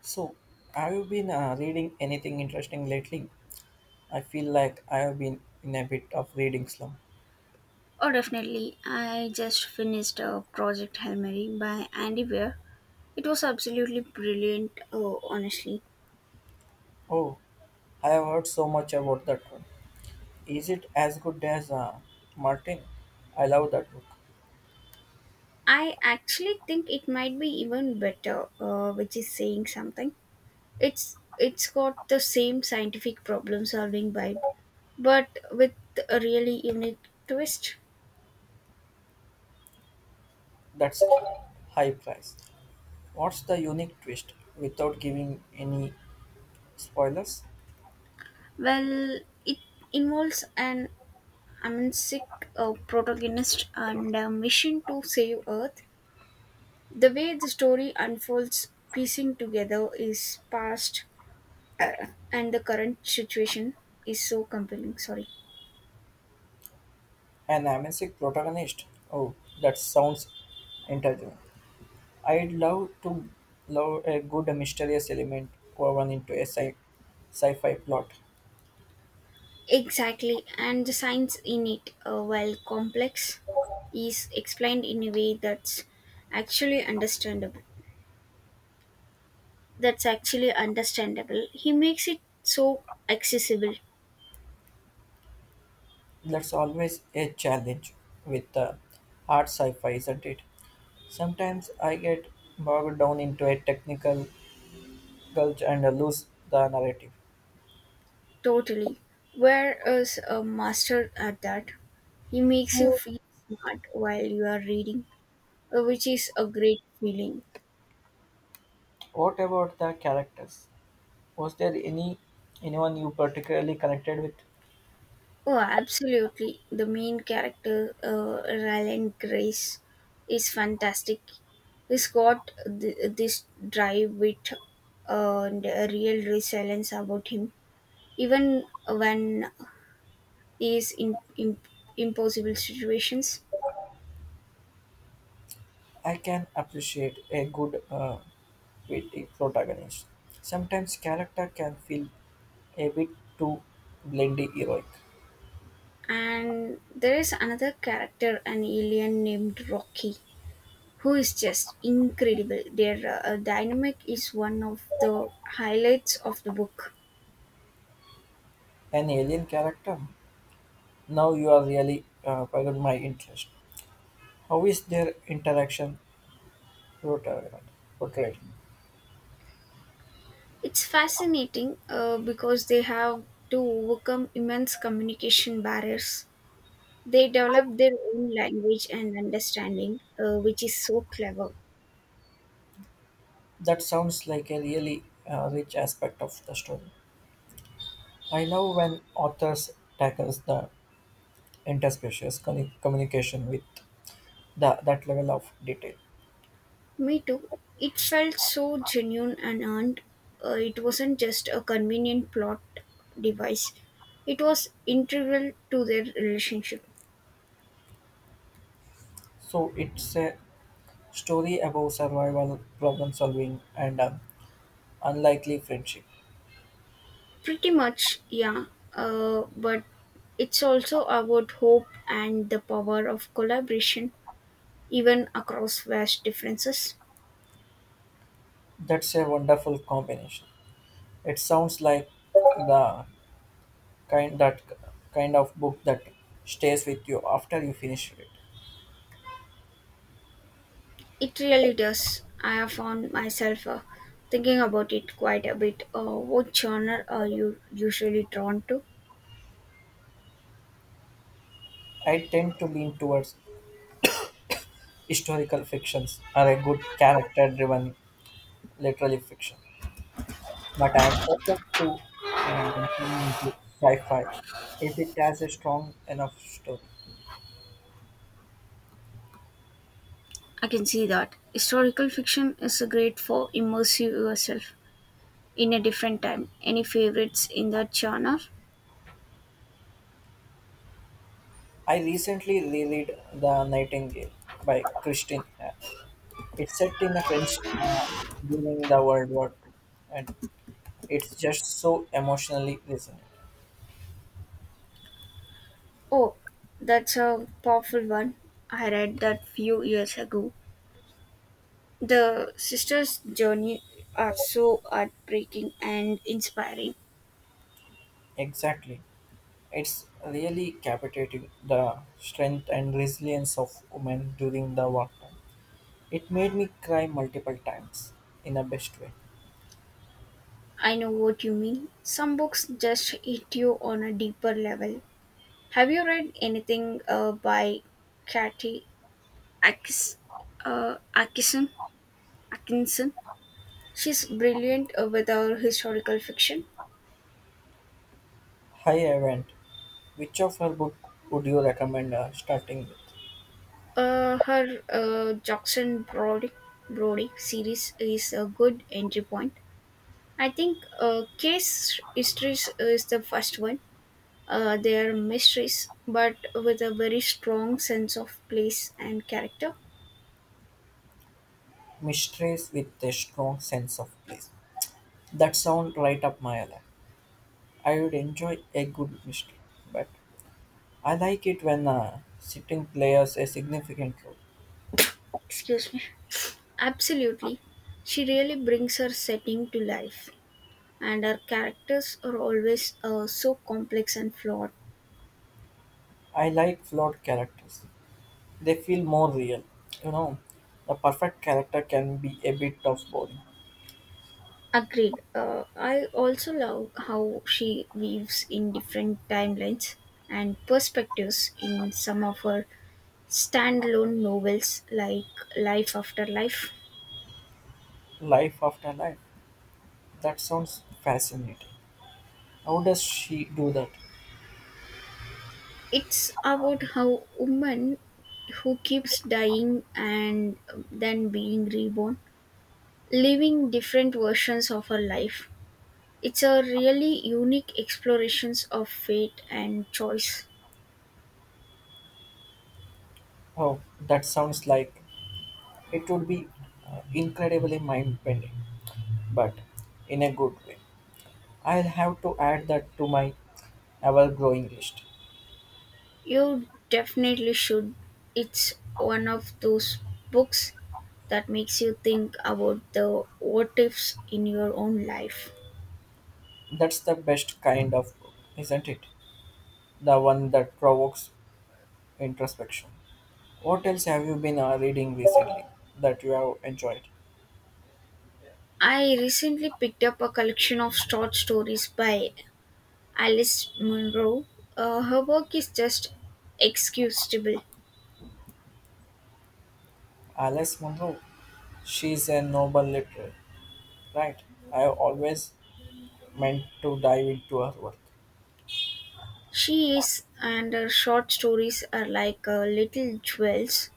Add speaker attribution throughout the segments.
Speaker 1: So, have you been reading anything interesting lately? I feel like I have been in a bit of reading slump.
Speaker 2: Oh, definitely. I just finished Project Hail Mary by Andy Weir. It was absolutely brilliant, honestly.
Speaker 1: Oh, I have heard so much about that one. Is it as good as Martin? I love that book.
Speaker 2: I actually think it might be even better, which is saying something. It's got the same scientific problem solving vibe, but with a really unique twist.
Speaker 1: That's high price. What's the unique twist without giving any spoilers?
Speaker 2: Well, it involves an amnesic protagonist and a mission to save Earth. The way the story unfolds, piecing together is past uh, and the current situation is so compelling. Sorry.
Speaker 1: An amazing protagonist. Oh, that sounds intelligent. I'd love to love a good mysterious element woven into a sci-fi plot.
Speaker 2: Exactly, and the science in it, while complex, is explained in a way that's actually understandable. That's actually understandable. He makes it so accessible,
Speaker 1: That's always a challenge with hard sci-fi, isn't it? Sometimes I get bogged down into a technical gulch and lose the narrative.
Speaker 2: totally. Whereas a master at that, he makes you feel smart while you are reading, which is a great feeling.
Speaker 1: What about the characters? Was there anyone you particularly connected with?
Speaker 2: Oh, absolutely. The main character, Ryland Grace, is fantastic. He's got this drive wit and a real resilience about him, even when he is in impossible situations.
Speaker 1: I can appreciate a good witty protagonist. Sometimes character can feel a bit too blendy heroic.
Speaker 2: And there is another character, an alien named Rocky, who is just incredible. Their dynamic is one of the highlights of the book.
Speaker 1: An alien character? Now you are really piqued my interest. How is their interaction portrayed? portrayed?
Speaker 2: It's fascinating because they have to overcome immense communication barriers. They develop their own language and understanding, which is so clever.
Speaker 1: That sounds like a really rich aspect of the story. I love when authors tackles the interspecies communication with that level of detail.
Speaker 2: Me too. It felt so genuine and earned. It wasn't just a convenient plot device, it was integral to their relationship.
Speaker 1: So it's a story about survival, problem solving, and unlikely friendship.
Speaker 2: Pretty much, yeah. But it's also about hope and the power of collaboration, even across vast differences.
Speaker 1: That's a wonderful combination. It sounds like the kind that kind of book that stays with you after you finish it.
Speaker 2: It really does. I have found myself thinking about it quite a bit. What genre are you usually drawn to?
Speaker 1: I tend to lean towards historical fictions or a good character-driven literary fiction, but I am open to venturing into sci-fi if it has a strong enough story.
Speaker 2: I can see that. Historical fiction is great for immersing yourself in a different time. Any favorites in that genre?
Speaker 1: I recently reread *The Nightingale* by Christine Hare. It's set in a French during the World War II, and it's just so emotionally resonant.
Speaker 2: Oh, that's a powerful one. I read that few years ago. The sisters' journey are so heartbreaking and inspiring.
Speaker 1: Exactly. It's really captivating the strength and resilience of women during the wartime. It made me cry multiple times in the best way.
Speaker 2: I know what you mean. Some books just hit you on a deeper level. Have you read anything by Katie Akis, Atkinson? Atkinson? She's brilliant with her historical fiction.
Speaker 1: Hi, Event. Which of her book would you recommend starting with?
Speaker 2: Her Brody series is a good entry point. I think Case Histories is the first one. They are mysteries, but with a very strong sense of place and character.
Speaker 1: Mistress with a strong sense of place. That sounds right up my alley. I would enjoy a good mystery, but I like it when sitting players a significant role.
Speaker 2: Excuse me. Absolutely. She really brings her setting to life, and her characters are always so complex and flawed.
Speaker 1: I like flawed characters. They feel more real. You know, the perfect character can be a bit of boring.
Speaker 2: Agreed. I also love how she weaves in different timelines and perspectives in some of her standalone novels like Life After Life.
Speaker 1: Life after life. That sounds fascinating. How does she do that?
Speaker 2: It's about how woman who keeps dying and then being reborn, living different versions of her life. It's a really unique explorations of fate and choice.
Speaker 1: Oh, that sounds like it would be incredibly mind bending, but in a good way. I'll have to add that to my ever growing list.
Speaker 2: You definitely should. It's one of those books that makes you think about the what ifs in your own life.
Speaker 1: That's the best kind of book, isn't it? The one that provokes introspection. What else have you been reading recently that you have enjoyed?
Speaker 2: I recently picked up a collection of short stories by Alice Munro. Her work is just excusable.
Speaker 1: Alice Munro. She's a Nobel literary, right? I have always meant to dive into her work.
Speaker 2: She is, and her short stories are like little jewels.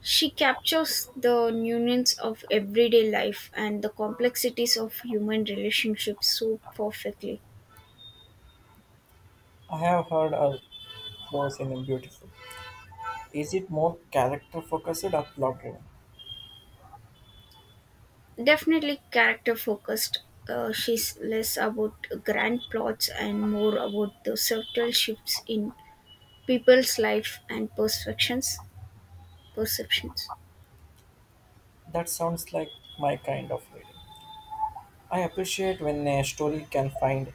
Speaker 2: She captures the nuance of everyday life and the complexities of human relationships so perfectly.
Speaker 1: I have heard her prose in beautiful. Is it more character focused or plot driven?
Speaker 2: Definitely character focused. She's less about grand plots and more about the subtle shifts in people's life and perceptions. Perceptions.
Speaker 1: That sounds like my kind of reading. I appreciate when a story can find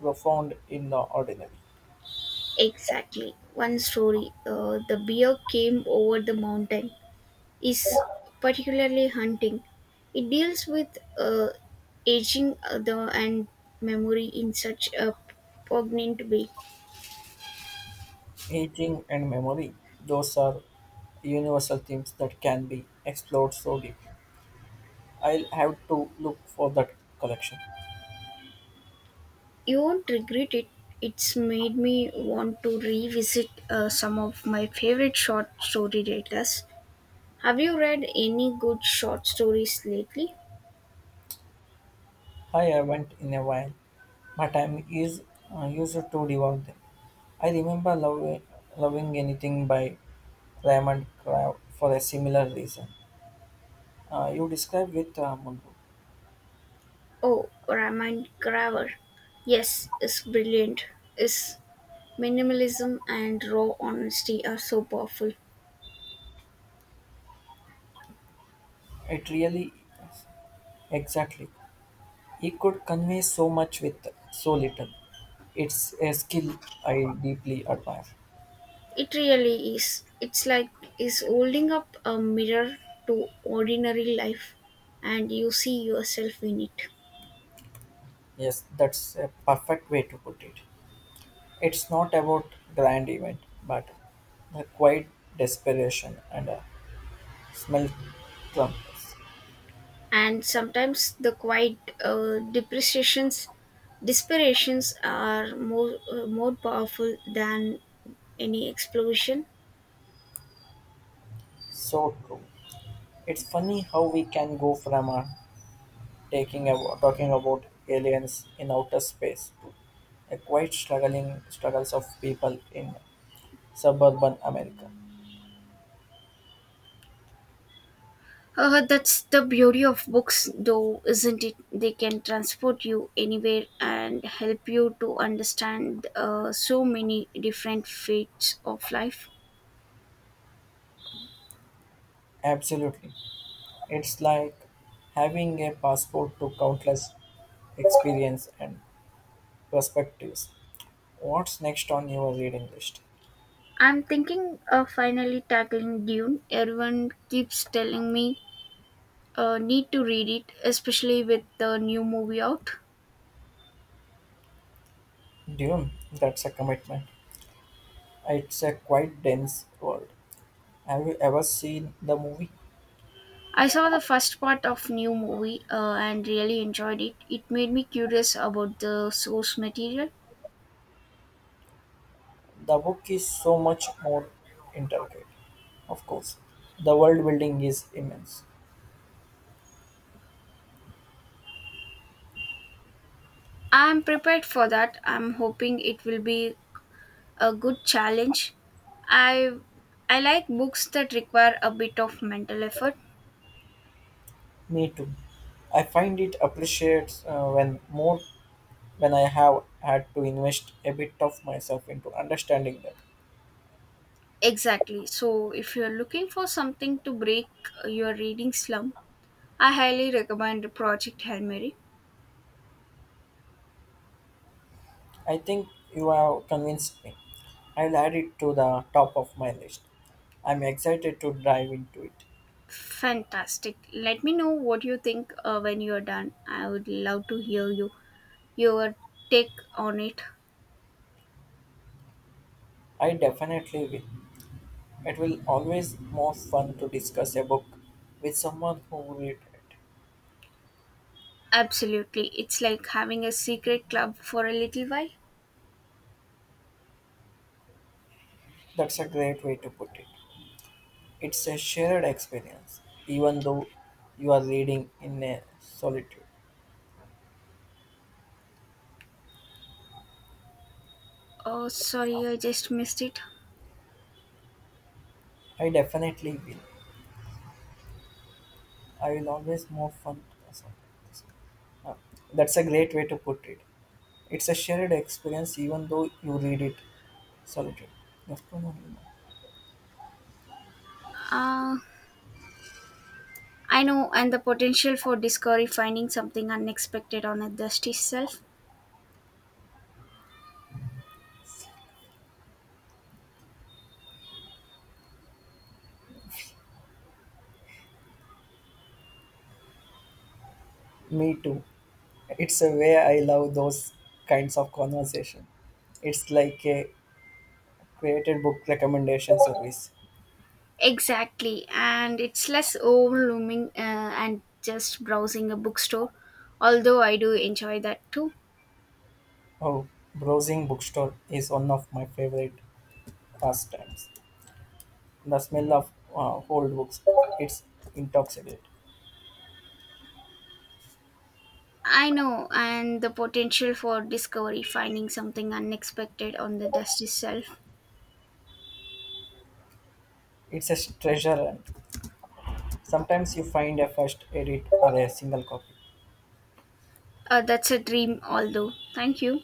Speaker 1: profound in the ordinary.
Speaker 2: Exactly. One story. The bear came over the mountain is particularly hunting. It deals with aging and memory in such a poignant way.
Speaker 1: Aging and memory, those are universal themes that can be explored so deeply. I'll have to look for that collection.
Speaker 2: You won't regret it. It's made me want to revisit some of my favorite short story writers. Have you read any good short stories lately?
Speaker 1: I haven't in a while, but used to devour them. I remember love, Loving Anything by Raymond Crowe for a similar reason. You described with Munro.
Speaker 2: Oh, Raman Graver. Yes, it's brilliant. His minimalism and raw honesty are so powerful.
Speaker 1: It really, exactly. He could convey so much with so little. It's a skill I deeply admire.
Speaker 2: It really is. It's like is holding up a mirror to ordinary life and you see yourself in it.
Speaker 1: Yes, that's a perfect way to put it. It's not about grand event, but the quiet desperation and a smell clumps.
Speaker 2: And sometimes the quiet uh, depreciations, disparations are more powerful than any explosion.
Speaker 1: So true. It's funny how we can go from taking a, talking about aliens in outer space to a quite struggling struggles of people in suburban America.
Speaker 2: That's the beauty of books, though, isn't it? They can transport you anywhere and help you to understand so many different fates of life.
Speaker 1: Absolutely, it's like having a passport to countless experience and perspectives. What's next on your reading list?
Speaker 2: I'm thinking of finally tackling Dune. Everyone keeps telling me need to read it, especially with the new movie out.
Speaker 1: Dune, that's a commitment. It's a quite dense world. Have you ever seen the movie?
Speaker 2: I saw the first part of new movie and really enjoyed it. It made me curious about the source material.
Speaker 1: The book is so much more intricate. Of course, the world building is immense.
Speaker 2: I'm prepared for that. I'm hoping it will be a good challenge. I I like books that require a bit of mental effort.
Speaker 1: Me too. I find it appreciates when more when I have had to invest a bit of myself into understanding them.
Speaker 2: Exactly. So if you're looking for something to break your reading slump, I highly recommend Project Hail Mary.
Speaker 1: I think you have convinced me. I'll add it to the top of my list. I'm excited to dive into it.
Speaker 2: Fantastic. Let me know what you think when you're done. I would love to hear your take on it.
Speaker 1: I definitely will. It will always more fun to discuss a book with someone who read it.
Speaker 2: Absolutely. It's like having a secret club for a little while.
Speaker 1: That's a great way to put it. It's a shared experience, even though you are reading in a solitude.
Speaker 2: Oh, sorry, I just missed it.
Speaker 1: I definitely will. I will always more fun. Sorry, uh, that's a great way to put it. It's a shared experience, even though you read it solitude. That's the one.
Speaker 2: Uh, I know, and the potential for discovery finding something unexpected on a dusty shelf.
Speaker 1: Me too. It's a way I love those kinds of conversation. It's like a created book recommendation service.
Speaker 2: Exactly, and it's less overwhelming and just browsing a bookstore, although I do enjoy that too.
Speaker 1: Oh, browsing bookstore is one of my favorite pastimes. The smell of old books, it's intoxicating.
Speaker 2: I know, and the potential for discovery, finding something unexpected on the dust itself.
Speaker 1: It's a treasure and sometimes you find a first edit or a single copy.
Speaker 2: That's a dream, although. Thank you.